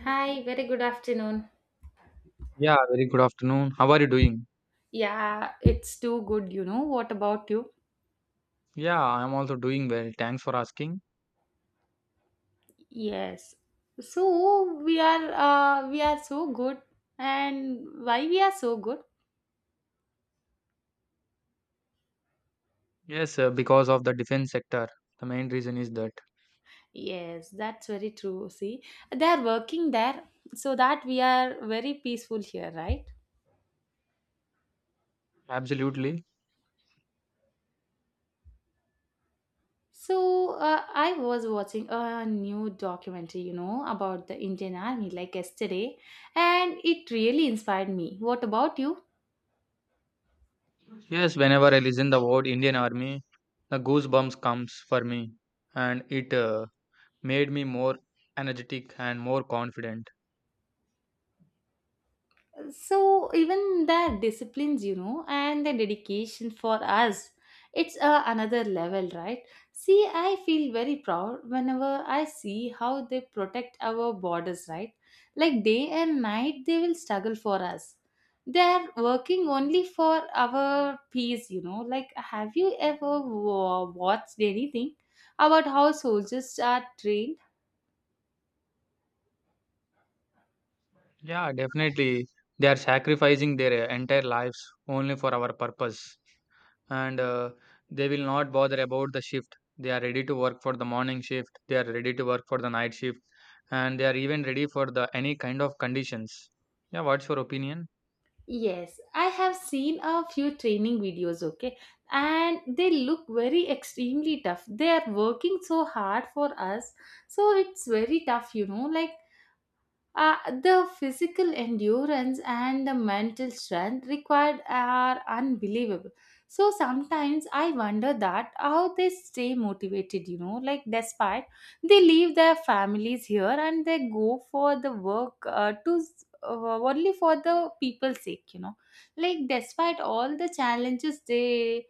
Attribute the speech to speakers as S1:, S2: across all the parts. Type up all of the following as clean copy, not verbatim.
S1: Hi, very good afternoon.
S2: Yeah, very good afternoon. How are you doing?
S1: Yeah, it's too good. What about you?
S2: Yeah, I'm also doing well. Thanks for asking.
S1: Yes. So we are so good, and why we are so good?
S2: Yes, because of the defense sector, the main reason is that.
S1: Yes, that's very true. See, they are working there so that we are very peaceful here, right?
S2: Absolutely.
S1: So I was watching a new documentary, about the Indian Army like yesterday, and it really inspired me. What about you?
S2: Yes, whenever I listen the word Indian Army, the goosebumps comes for me, and it made me more energetic and more confident.
S1: So even their disciplines, and the dedication for us, it's another level, right? See, I feel very proud whenever I see how they protect our borders, right? Like day and night they will struggle for us. They are working only for our peace. Like, have you ever watched anything about how soldiers are trained?
S2: Yeah, definitely. They are sacrificing their entire lives only for our purpose. And they will not bother about the shift. They are ready to work for the morning shift. They are ready to work for the night shift. And they are even ready for the any kind of conditions. Yeah, what's your opinion?
S1: Yes, I have seen a few training videos, okay, and they look very extremely tough. They are working so hard for us, so it's very tough. Like, the physical endurance and the mental strength required are unbelievable. So sometimes I wonder that how they stay motivated, like despite, they leave their families here and they go for the work, only for the people's sake, like despite all the challenges, they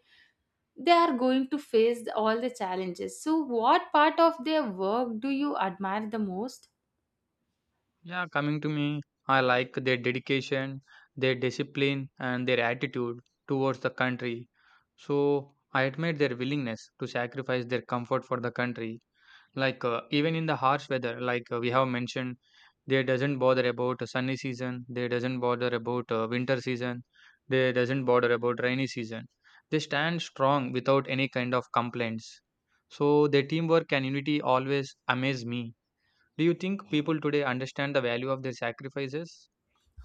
S1: are going to face all the challenges. So what part of their work do you admire the most?
S2: Yeah, coming to me, I like their dedication, their discipline, and their attitude towards the country. So I admire their willingness to sacrifice their comfort for the country. Like even in the harsh weather, like we have mentioned, they doesn't bother about sunny season. They doesn't bother about winter season. They doesn't bother about rainy season. They stand strong without any kind of complaints. So their teamwork and unity always amaze me. Do you think people today understand the value of their sacrifices?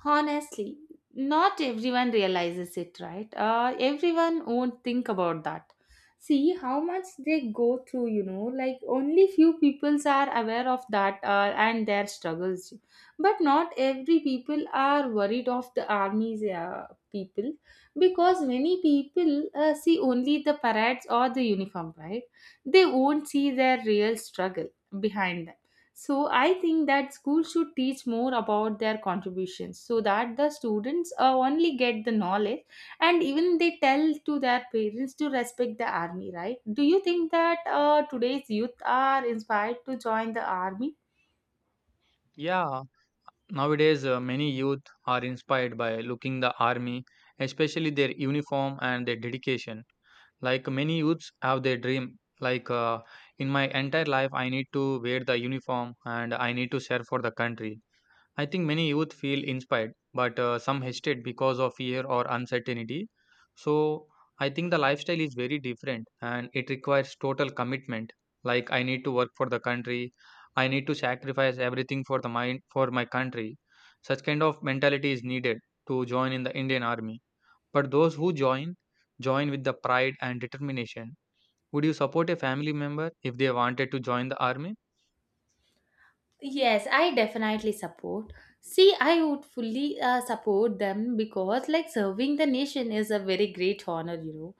S1: Honestly, not everyone realizes it, right? Everyone won't think about that. See how much they go through, like only few peoples are aware of that, and their struggles. But not every people are worried of the army's people, because many people see only the parades or the uniform, right? They won't see their real struggle behind them. So I think that schools should teach more about their contributions, so that the students, only get the knowledge, and even they tell to their parents to respect the army, right? Do you think that, today's youth are inspired to join the army?
S2: Yeah, nowadays many youth are inspired by looking the army, especially their uniform and their dedication. Like many youths have their dream. Like in my entire life, I need to wear the uniform and I need to serve for the country. I think many youth feel inspired, but some hesitate because of fear or uncertainty. So I think the lifestyle is very different and it requires total commitment. Like I need to work for the country. I need to sacrifice everything for the mind for my country. Such kind of mentality is needed to join in the Indian army. But those who join, join with the pride and determination. Would you support a family member if they wanted to join the army?
S1: Yes, I definitely support. See, I would fully support them, because like serving the nation is a very great honor.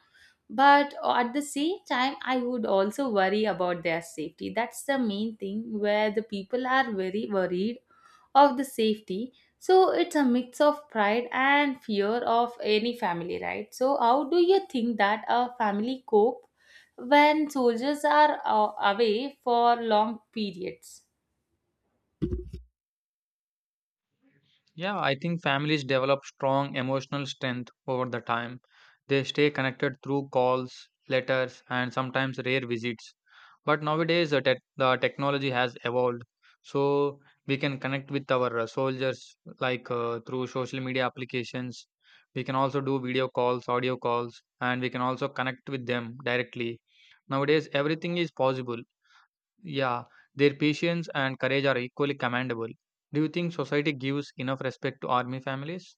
S1: But at the same time, I would also worry about their safety. That's the main thing, where the people are very worried of the safety. So it's a mix of pride and fear of any family, right? So, how do you think that a family cope when soldiers are, away for long periods?
S2: Yeah, I think families develop strong emotional strength over the time. They stay connected through calls, letters, and sometimes rare visits. But nowadays, the technology has evolved, so we can connect with our soldiers like through social media applications. We can also do video calls, audio calls, and we can also connect with them directly. Nowadays, everything is possible. Yeah, their patience and courage are equally commendable. Do you think society gives enough respect to army families?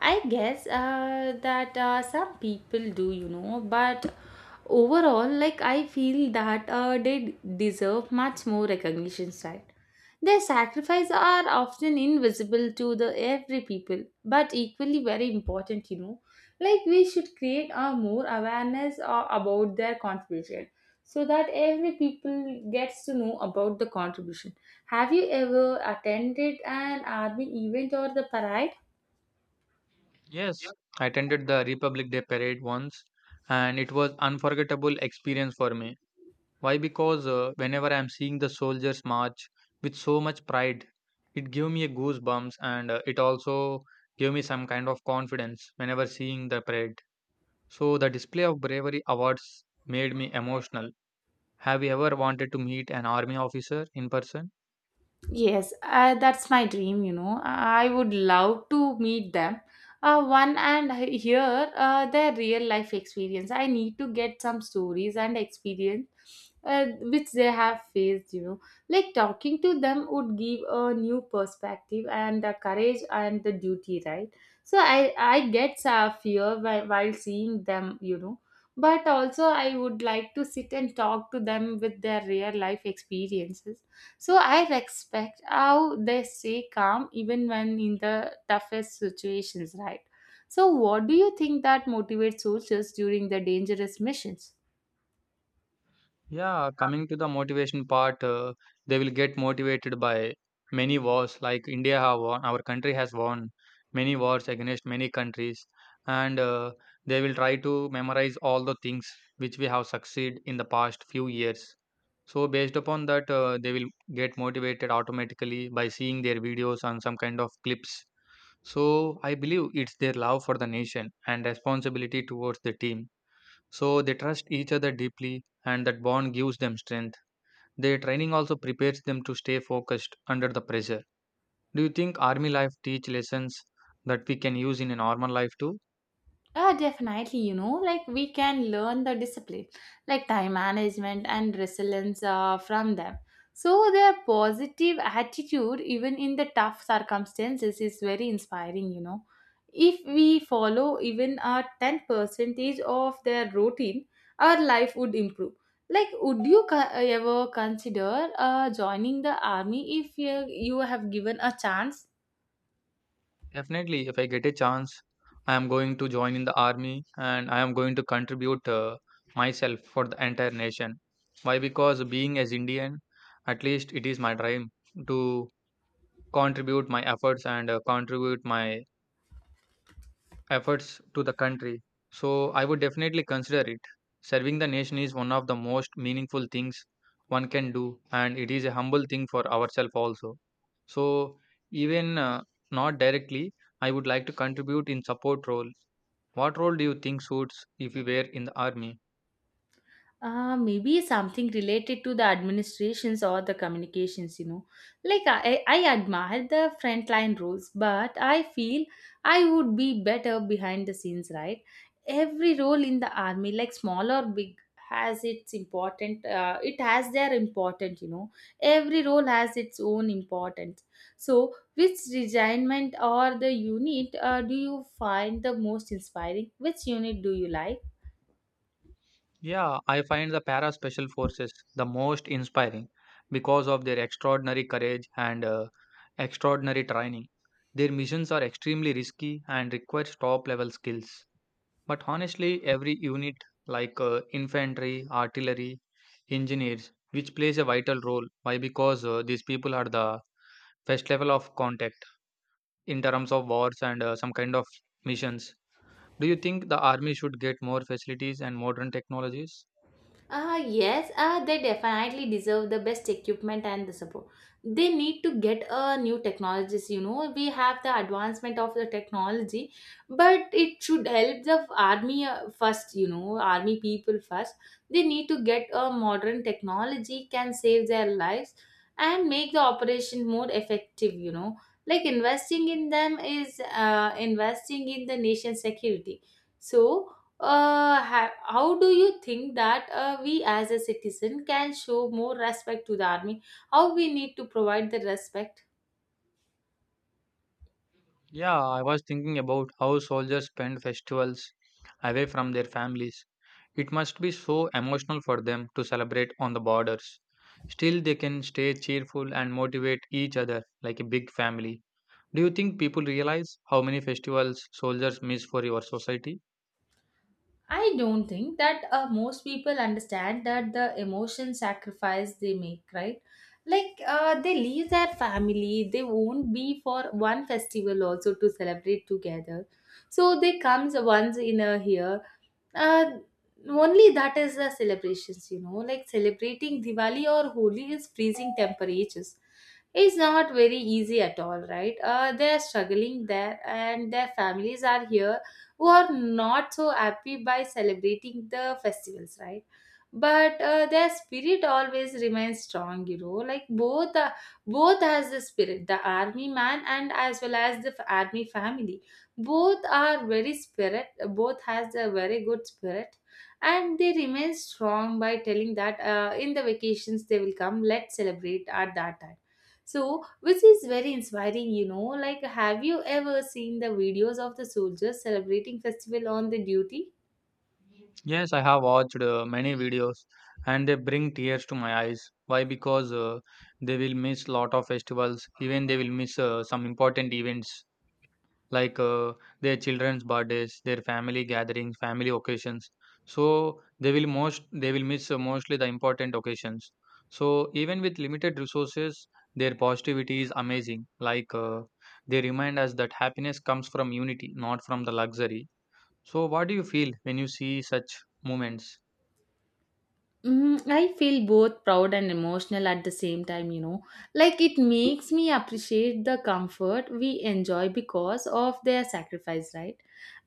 S1: I guess, that some people do, but overall, like I feel that, they deserve much more recognition, right? Their sacrifices are often invisible to the every people, but equally very important. Like we should create a more awareness, about their contribution, so that every people gets to know about the contribution. Have you ever attended an army event or the parade?
S2: Yes, I attended the Republic Day parade once and it was unforgettable experience for me. Why? Because whenever I am seeing the soldiers march with so much pride, it gave me a goosebumps and it also gave me some kind of confidence whenever seeing the parade. So the display of bravery awards made me emotional. Have you ever wanted to meet an army officer in person?
S1: Yes, that's my dream. I would love to meet them. One and hear, their real life experience. I need to get some stories and experience, which they have faced. Like, talking to them would give a new perspective and the courage and the duty, right? So I get fear while seeing them. But also, I would like to sit and talk to them with their real life experiences, so I respect how they stay calm even when in the toughest situations, right? So, what do you think that motivates soldiers during the dangerous missions?
S2: Yeah, coming to the motivation part, they will get motivated by many wars. Like India have won, our country has won many wars against many countries, and they will try to memorize all the things which we have succeed in the past few years. So based upon that, they will get motivated automatically by seeing their videos on some kind of clips. So I believe it's their love for the nation and responsibility towards the team, so they trust each other deeply, and that bond gives them strength. Their training also prepares them to stay focused under the pressure. Do you think army life teach lessons that we can use in a normal life too?
S1: Definitely, like we can learn the discipline, like time management and resilience, from them. So, their positive attitude, even in the tough circumstances, is very inspiring. If we follow even a 10 percentage of their routine, our life would improve. Like, would you ever consider joining the army if you have given a chance?
S2: Definitely, if I get a chance, I am going to join in the army and I am going to contribute myself for the entire nation. Why? Because being as Indian, at least it is my dream to contribute my efforts and contribute my efforts to the country. So I would definitely consider it. Serving the nation is one of the most meaningful things one can do, and it is a humble thing for ourselves also. So even not directly, I would like to contribute in support role. What role do you think suits if we were in the army?
S1: Maybe something related to the administrations or the communications. Like, I admire the frontline roles, but I feel I would be better behind the scenes, right? Every role in the army, like small or big, has its important, it has their important. Every role has its own importance. So, which regiment or the unit, do you find the most inspiring? Which unit do you like?
S2: Yeah, I find the para special forces the most inspiring because of their extraordinary courage and extraordinary training. Their missions are extremely risky and require top level skills. But honestly, every unit like infantry, artillery, engineers, which plays a vital role. Why? Because these people are the first level of contact in terms of wars and some kind of missions. Do you think the army should get more facilities and modern technologies?
S1: Ah, yes, they definitely deserve the best equipment and the support. They need to get, new technologies. We have the advancement of the technology, but it should help the army, first, army people first. They need to get a modern technology can save their lives and make the operation more effective. Like investing in them is, investing in the nation's security. So, how do you think that, we as a citizen can show more respect to the army? How we need to provide the respect?
S2: Yeah, I was thinking about how soldiers spend festivals away from their families. It must be so emotional for them to celebrate on the borders. Still, they can stay cheerful and motivate each other like a big family. Do you think people realize how many festivals soldiers miss for your society?
S1: I don't think that, most people understand that the emotion sacrifice they make, right? Like, they leave their family, they won't be for one festival also to celebrate together. So they comes once in a year. Uh, only that is the celebrations, like celebrating Diwali or Holi is freezing temperatures. It's not very easy at all, right? They are struggling there, and their families are here, who are not so happy by celebrating the festivals, right? But their spirit always remains strong. Like both has the spirit, the army man and as well as the army family. Both are very spirit. Both has a very good spirit, and they remain strong by telling that, in the vacations they will come, let's celebrate at that time. So, which is very inspiring, like, have you ever seen the videos of the soldiers celebrating festival on the duty?
S2: Yes, I have watched many videos and they bring tears to my eyes. Why? Because they will miss lot of festivals, even they will miss some important events like their children's birthdays, their family gatherings, family occasions. So they will miss mostly the important occasions. So even with limited resources, their positivity is amazing. Like they remind us that happiness comes from unity, not from the luxury. So what do you feel when you see such moments?
S1: I feel both proud and emotional at the same time. Like, it makes me appreciate the comfort we enjoy because of their sacrifice, right?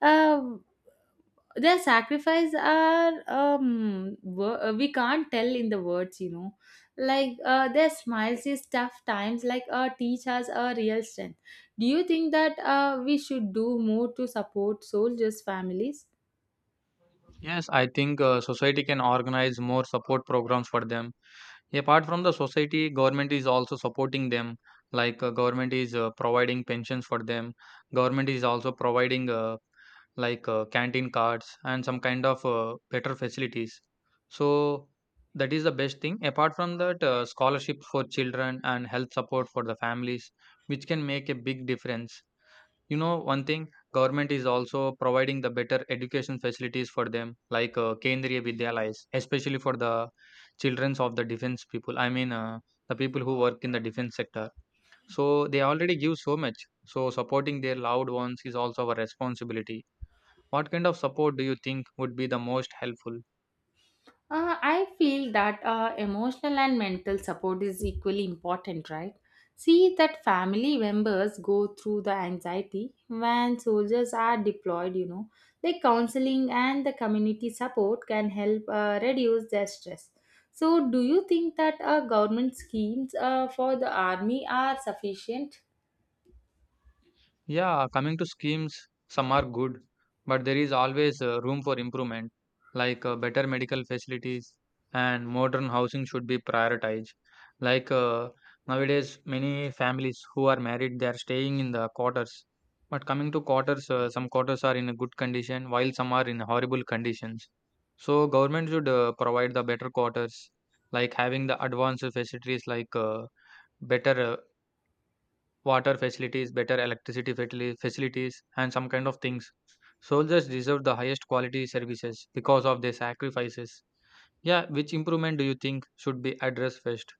S1: Uh, their sacrifice are we can't tell in the words. like, their smiles is tough times, like, teach us a real strength. Do you think that, we should do more to support soldiers families?
S2: Yes, I think society can organize more support programs for them. Apart from the society, government is also supporting them. Like government is providing pensions for them. Government is also providing like canteen cards and some kind of better facilities. So that is the best thing. Apart from that, scholarships for children and health support for the families, which can make a big difference. You know, one thing, government is also providing the better education facilities for them, like Kendriya Vidyalayas, especially for the childrens of the defense people. I mean, the people who work in the defense sector. So they already give so much. So supporting their loved ones is also our responsibility. What kind of support do you think would be the most helpful?
S1: I feel that, emotional and mental support is equally important, right? See that family members go through the anxiety when soldiers are deployed. Like counseling and the community support can help, reduce their stress. So, do you think that, government schemes, for the army are sufficient?
S2: Yeah, coming to schemes, some are good, but there is always room for improvement, like better medical facilities and modern housing should be prioritized. Like nowadays, many families who are married, they are staying in the quarters. But coming to quarters, some quarters are in a good condition, while some are in horrible conditions. So government should provide the better quarters, like having the advanced facilities like better water facilities, better electricity facilities, and some kind of things. Soldiers deserve the highest quality services because of their sacrifices. Yeah, which improvement do you think should be addressed first?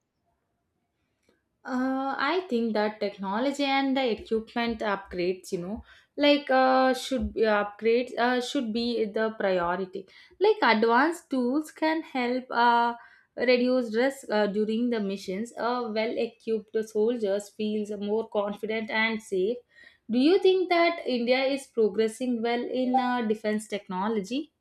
S1: I think that technology and the equipment upgrades, should be upgrades, should be the priority. Like advanced tools can help, reduce risk, during the missions. Well-equipped soldiers feels more confident and safe. Do you think that India is progressing well in, defense technology?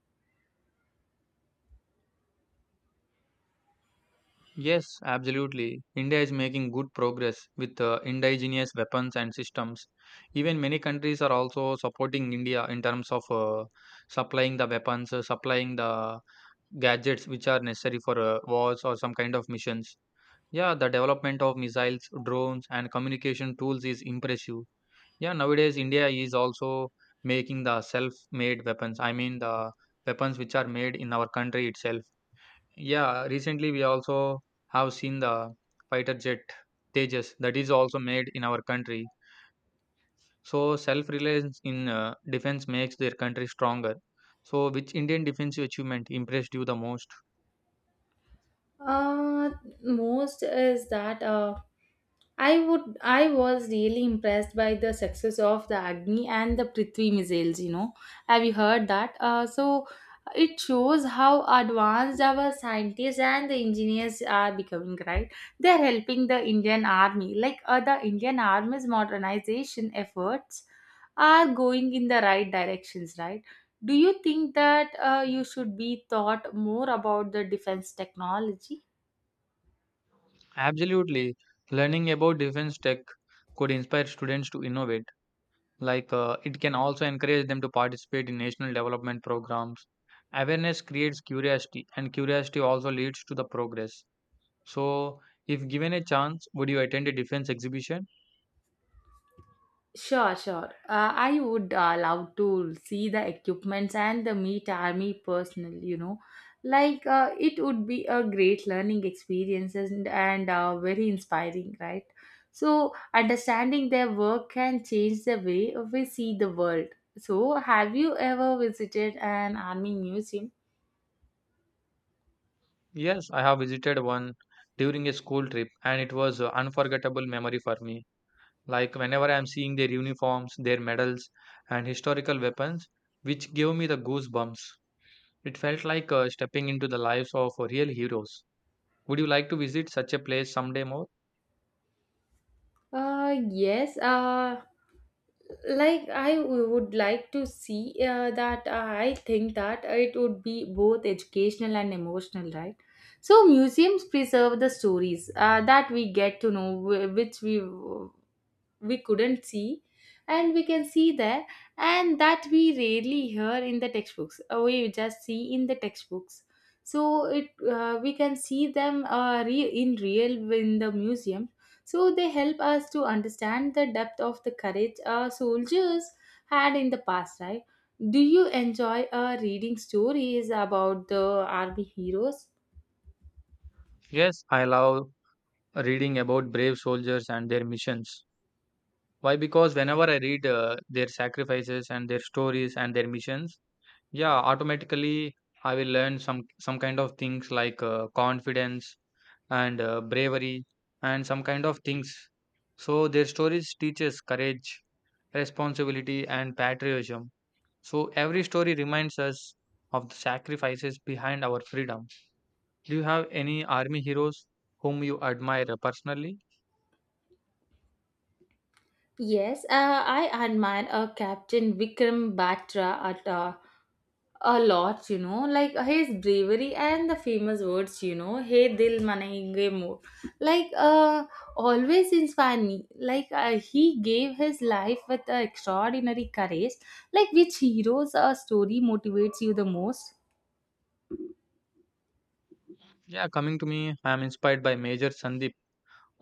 S2: Yes, absolutely. India is making good progress with indigenous weapons and systems. Even many countries are also supporting India in terms of supplying the weapons, supplying the gadgets which are necessary for wars or some kind of missions. Yeah, the development of missiles, drones, and communication tools is impressive. Yeah, nowadays India is also making the self made weapons. I mean, the weapons which are made in our country itself. Yeah, recently we also have seen the fighter jet Tejas that is also made in our country. So, self reliance in defense makes their country stronger. So, which Indian defensive achievement impressed you the most?
S1: Uh, Most is that. I was really impressed by the success of the Agni and the Prithvi missiles. Have you heard that? So it shows how advanced our scientists and the engineers are becoming, right? They're helping the Indian army. Like, the Indian army's modernization efforts are going in the right directions, right? Do you think that, you should be taught more about the defense technology?
S2: Absolutely. Learning about defense tech could inspire students to innovate. Like it can also encourage them to participate in national development programs. Awareness creates curiosity, and curiosity also leads to the progress. So, if given a chance, would you attend a defense exhibition?
S1: Sure, sure. I would, love to see the equipments and the meet army personal. Like, it would be a great learning experience, and, very inspiring, right? So, understanding their work can change the way we see the world. So, have you ever visited an army museum?
S2: Yes, I have visited one during a school trip, and it was an unforgettable memory for me. Like whenever I am seeing their uniforms, their medals, and historical weapons, which gave me the goosebumps. It felt like stepping into the lives of real heroes. Would you like to visit such a place someday more?
S1: Yes. Like, I would like to see, that I think that it would be both educational and emotional, right? So museums preserve the stories, that we get to know, which we couldn't see, and we can see there, and that we rarely hear in the textbooks. We just see in the textbooks. So it we can see them, in real in the museum, so they help us to understand the depth of the courage our soldiers had in the past, right? Do you enjoy, reading stories about the army heroes?
S2: Yes, I love reading about brave soldiers and their missions. Why? Because whenever I read their sacrifices and their stories and their missions, yeah, automatically I will learn some kind of things like confidence and bravery and some kind of things. So their stories teaches courage, responsibility, and patriotism. So every story reminds us of the sacrifices behind our freedom. Do you have any army heroes whom you admire personally?
S1: Yes, I admire, Captain Vikram Batra at a lot, like his bravery and the famous words, "Hey dil manenge mo," like, always inspire me. Like, he gave his life with, extraordinary courage. Like, which heroes, story motivates you the most?
S2: Yeah, coming to me, I am inspired by Major Sandeep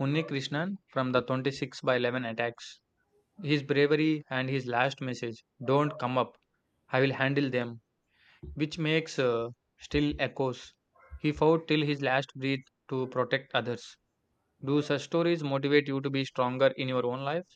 S2: Unnikrishnan from the 26 by 11 attacks. His bravery and his last message, "Don't come up, I will handle them," which makes still echoes. He fought till his last breath to protect others. Do such stories motivate you to be stronger in your own life?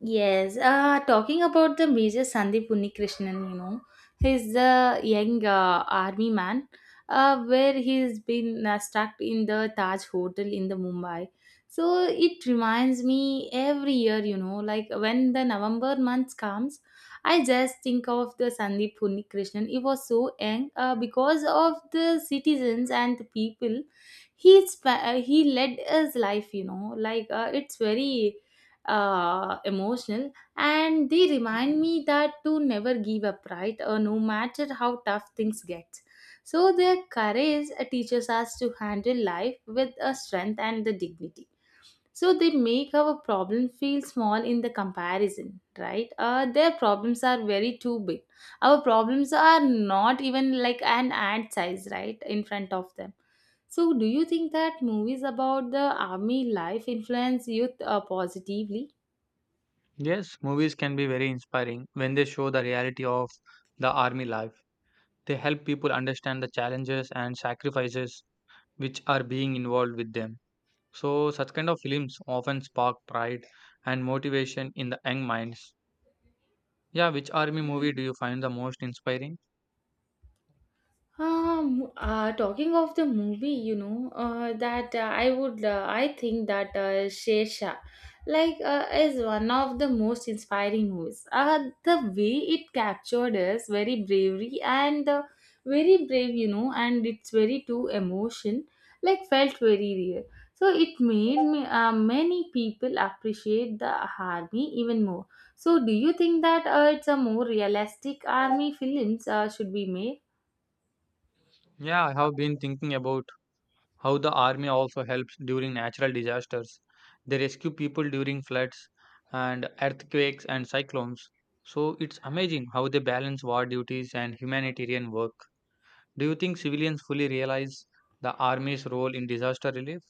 S1: Yes, talking about the Major Sandeep Unnikrishnan, he's a young, army man, where he's been, stuck in the Taj Hotel in the Mumbai. So it reminds me every year, like when the November month comes, I just think of the Sandeep Unnikrishnan. He was so young because of the citizens and the people. He led his life, like it's very emotional, and they remind me that to never give up, right, no matter how tough things get. So their courage teaches us to handle life with a strength and the dignity. So they make our problem feel small in the comparison, right, their problems are very too big. Our problems are not even like an ad size, right, in front of them. So do you think that movies about the army life influence youth positively?
S2: Yes, movies can be very inspiring when they show the reality of the army life. They help people understand the challenges and sacrifices which are being involved with them. So such kind of films often spark pride and motivation in the young minds. Yeah, which army movie do you find the most inspiring?
S1: Talking of the movie, I think that Shesha, like, is one of the most inspiring movies. The way it captured us very bravery and very brave, and it's very too emotion, like, felt very real. So it made many people appreciate the army even more. So do you think that it's a more realistic army films should be made?
S2: Yeah, I have been thinking about how the army also helps during natural disasters. They rescue people during floods and earthquakes and cyclones. So it's amazing how they balance war duties and humanitarian work. Do you think civilians fully realize the army's role in disaster relief?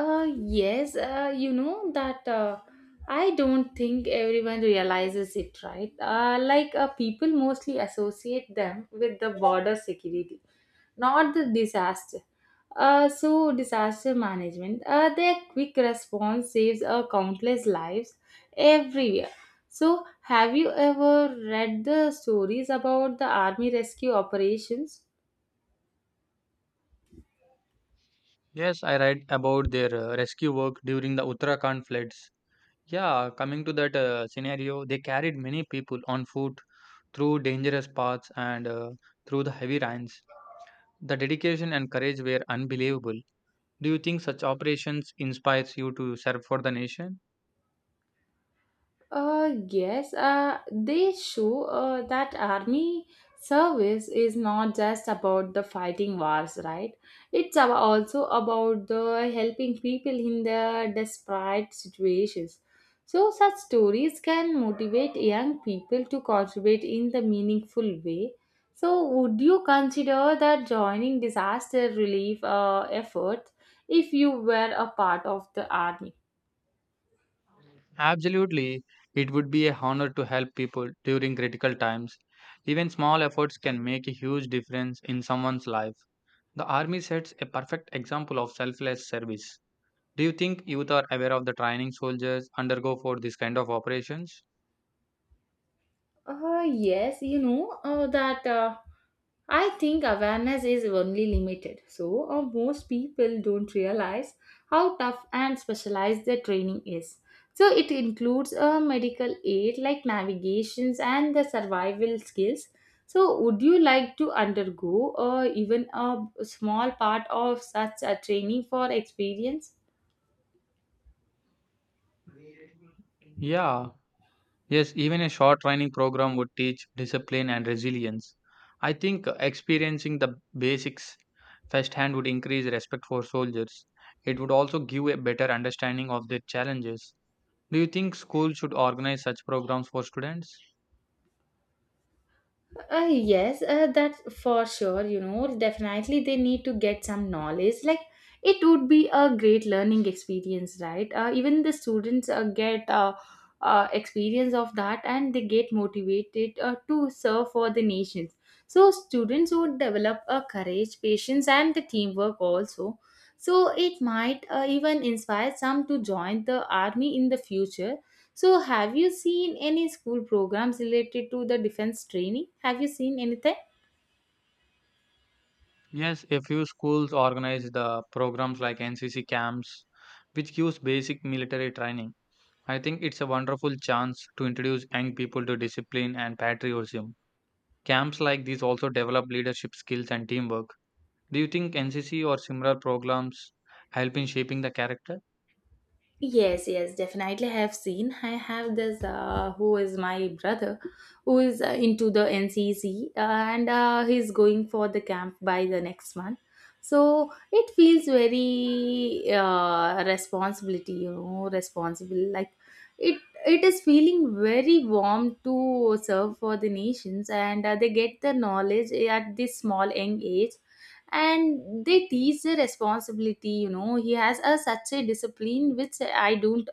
S1: Yes, you know that I don't think everyone realizes it, right? Like people mostly associate them with the border security, not the disaster. So disaster management, their quick response saves countless lives everywhere. So, have you ever read the stories about the army rescue operations?
S2: Yes, I read about their rescue work during the Uttarakhand floods. Yeah, coming to that scenario, they carried many people on foot through dangerous paths and through the heavy rains. The dedication and courage were unbelievable. Do you think such operations inspires you to serve for the nation?
S1: Yes, they show that army service is not just about the fighting wars, right? It's also about the helping people in their desperate situations. So, such stories can motivate young people to contribute in the meaningful way. So, would you consider that joining disaster relief effort if you were a part of the army?
S2: Absolutely. It would be a honor to help people during critical times. Even small efforts can make a huge difference in someone's life. The army sets a perfect example of selfless service. Do you think youth are aware of the training soldiers undergo for this kind of operations?
S1: Yes, you know that I think awareness is only limited. So, most people don't realize how tough and specialized the training is. So, it includes a medical aid like navigations and the survival skills. So, would you like to undergo even a small part of such a training for experience?
S2: Yeah, yes, even a short training program would teach discipline and resilience. I think experiencing the basics firsthand would increase respect for soldiers. It would also give a better understanding of their challenges. Do you think schools should organize such programs for students?
S1: Yes, that's for sure. Definitely they need to get some knowledge. Like it would be a great learning experience, right? Even the students get experience of that, and they get motivated to serve for the nations. So students would develop a courage, patience, and the teamwork also. So it might even inspire some to join the army in the future. So, have you seen any school programs related to the defense training? Have you seen anything?
S2: Yes, a few schools organize the programs like NCC camps, which gives basic military training. I think it's a wonderful chance to introduce young people to discipline and patriotism. Camps like these also develop leadership skills and teamwork. Do you think NCC or similar programs help in shaping the character?
S1: Yes, yes, definitely I have seen. I have this who is my brother who is into the NCC, and he's going for the camp by the next month. So it feels very responsible. Like it, it is feeling very warm to serve for the nations, and they get the knowledge at this small young age, and they teach the responsibility. He has a such a discipline which i don't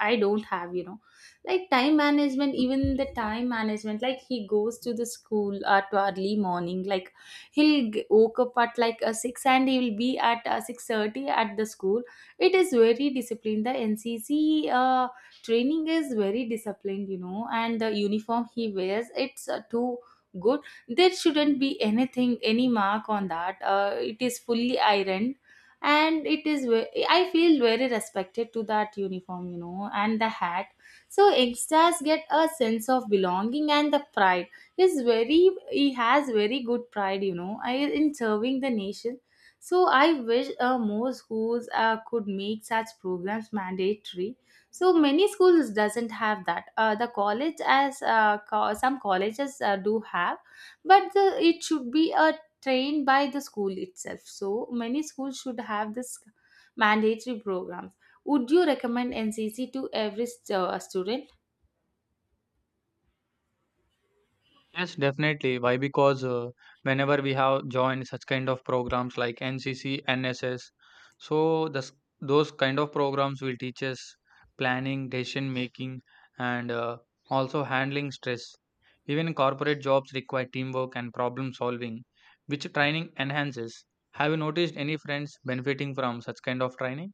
S1: i don't have. Like time management, even the time management, like he goes to the school at early morning. Like he'll woke up at like a 6, and he will be at 6:30 at the school. It is very disciplined. The NCC training is very disciplined. And the uniform he wears, it's too good. There shouldn't be anything, any mark on that. It is fully ironed. And I feel very respected to that uniform, and the hat. So youngsters get a sense of belonging and the pride is very he has very good pride, you know, in serving the nation. So I wish more schools could make such programs mandatory. So many schools doesn't have that. The college as some colleges do have, but it should be a trained by the school itself. So many schools should have this mandatory programs. Would you recommend NCC to every student?
S2: Yes, definitely. Why? Because whenever we have joined such kind of programs like NCC, NSS, so this, those kind of programs will teach us planning, decision making, and also handling stress. Even corporate jobs require teamwork and problem solving, which training enhances. Have you noticed any friends benefiting from such kind of training?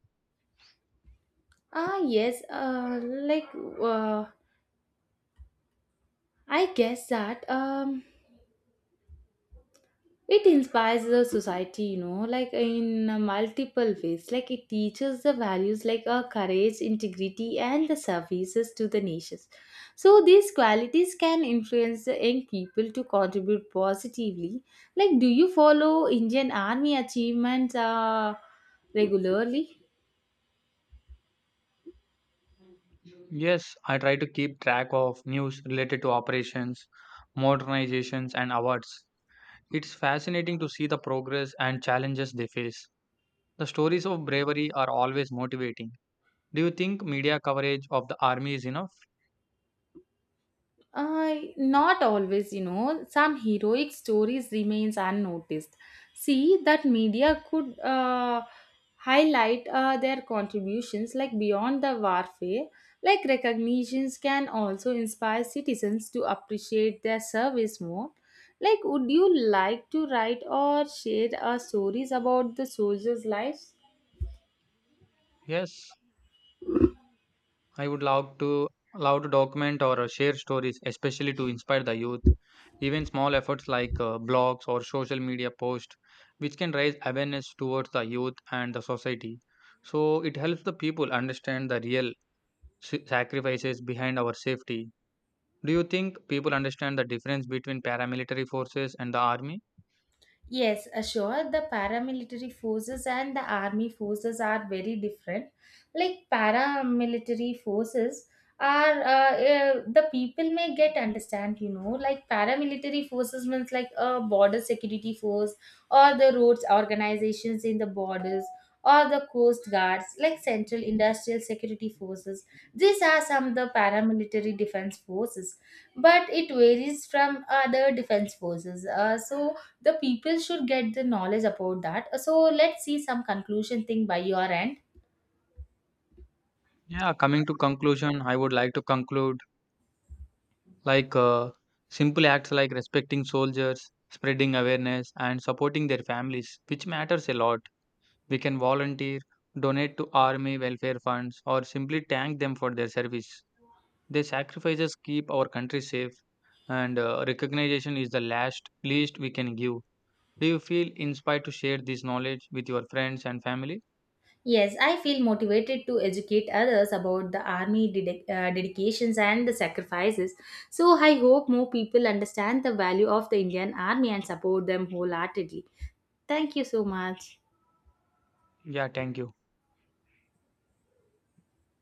S1: Ah, yes. Like, uh, I guess that. It inspires the society, you know, like, in multiple ways, like it teaches the values like courage, integrity and the services to the nations. So these qualities can influence the young people to contribute positively. Like, do you follow Indian Army achievements regularly?
S2: Yes, I try to keep track of news related to operations, modernizations, and awards. It's fascinating to see the progress and challenges they face. The stories of bravery are always motivating. Do you think media coverage of the army is enough?
S1: Not always. Some heroic stories remains unnoticed. See that media could highlight their contributions, like beyond the warfare. Like, recognitions can also inspire citizens to appreciate their service more. Like, would you like to write or share stories about the soldiers' lives?
S2: Yes, I would love to love to document or share stories, especially to inspire the youth. Even small efforts like blogs or social media posts, which can raise awareness towards the youth and the society. So it helps the people understand the real sacrifices behind our safety. Do you think people understand the difference between paramilitary forces and the army?
S1: Yes, sure. The paramilitary forces and the army forces are very different. Like paramilitary forces are the people may get understand, you know. Like paramilitary forces means like a border security force, or the roads organizations in the borders, or the coast guards, like central industrial security forces. These are some of the paramilitary defense forces, but it varies from other defense forces. So the people should get the knowledge about that. So let's see some conclusion thing by your end.
S2: Yeah, coming to conclusion, I would like to conclude like simple acts like respecting soldiers, spreading awareness, and supporting their families, which matters a lot. We can volunteer, donate to army welfare funds, or simply thank them for their service. Their sacrifices keep our country safe, and recognition is the last least we can give. Do you feel inspired to share this knowledge with your friends and family?
S1: Yes, I feel motivated to educate others about the army dedications and the sacrifices. So I hope more people understand the value of the Indian Army and support them wholeheartedly. Thank you so much.
S2: Yeah, thank you.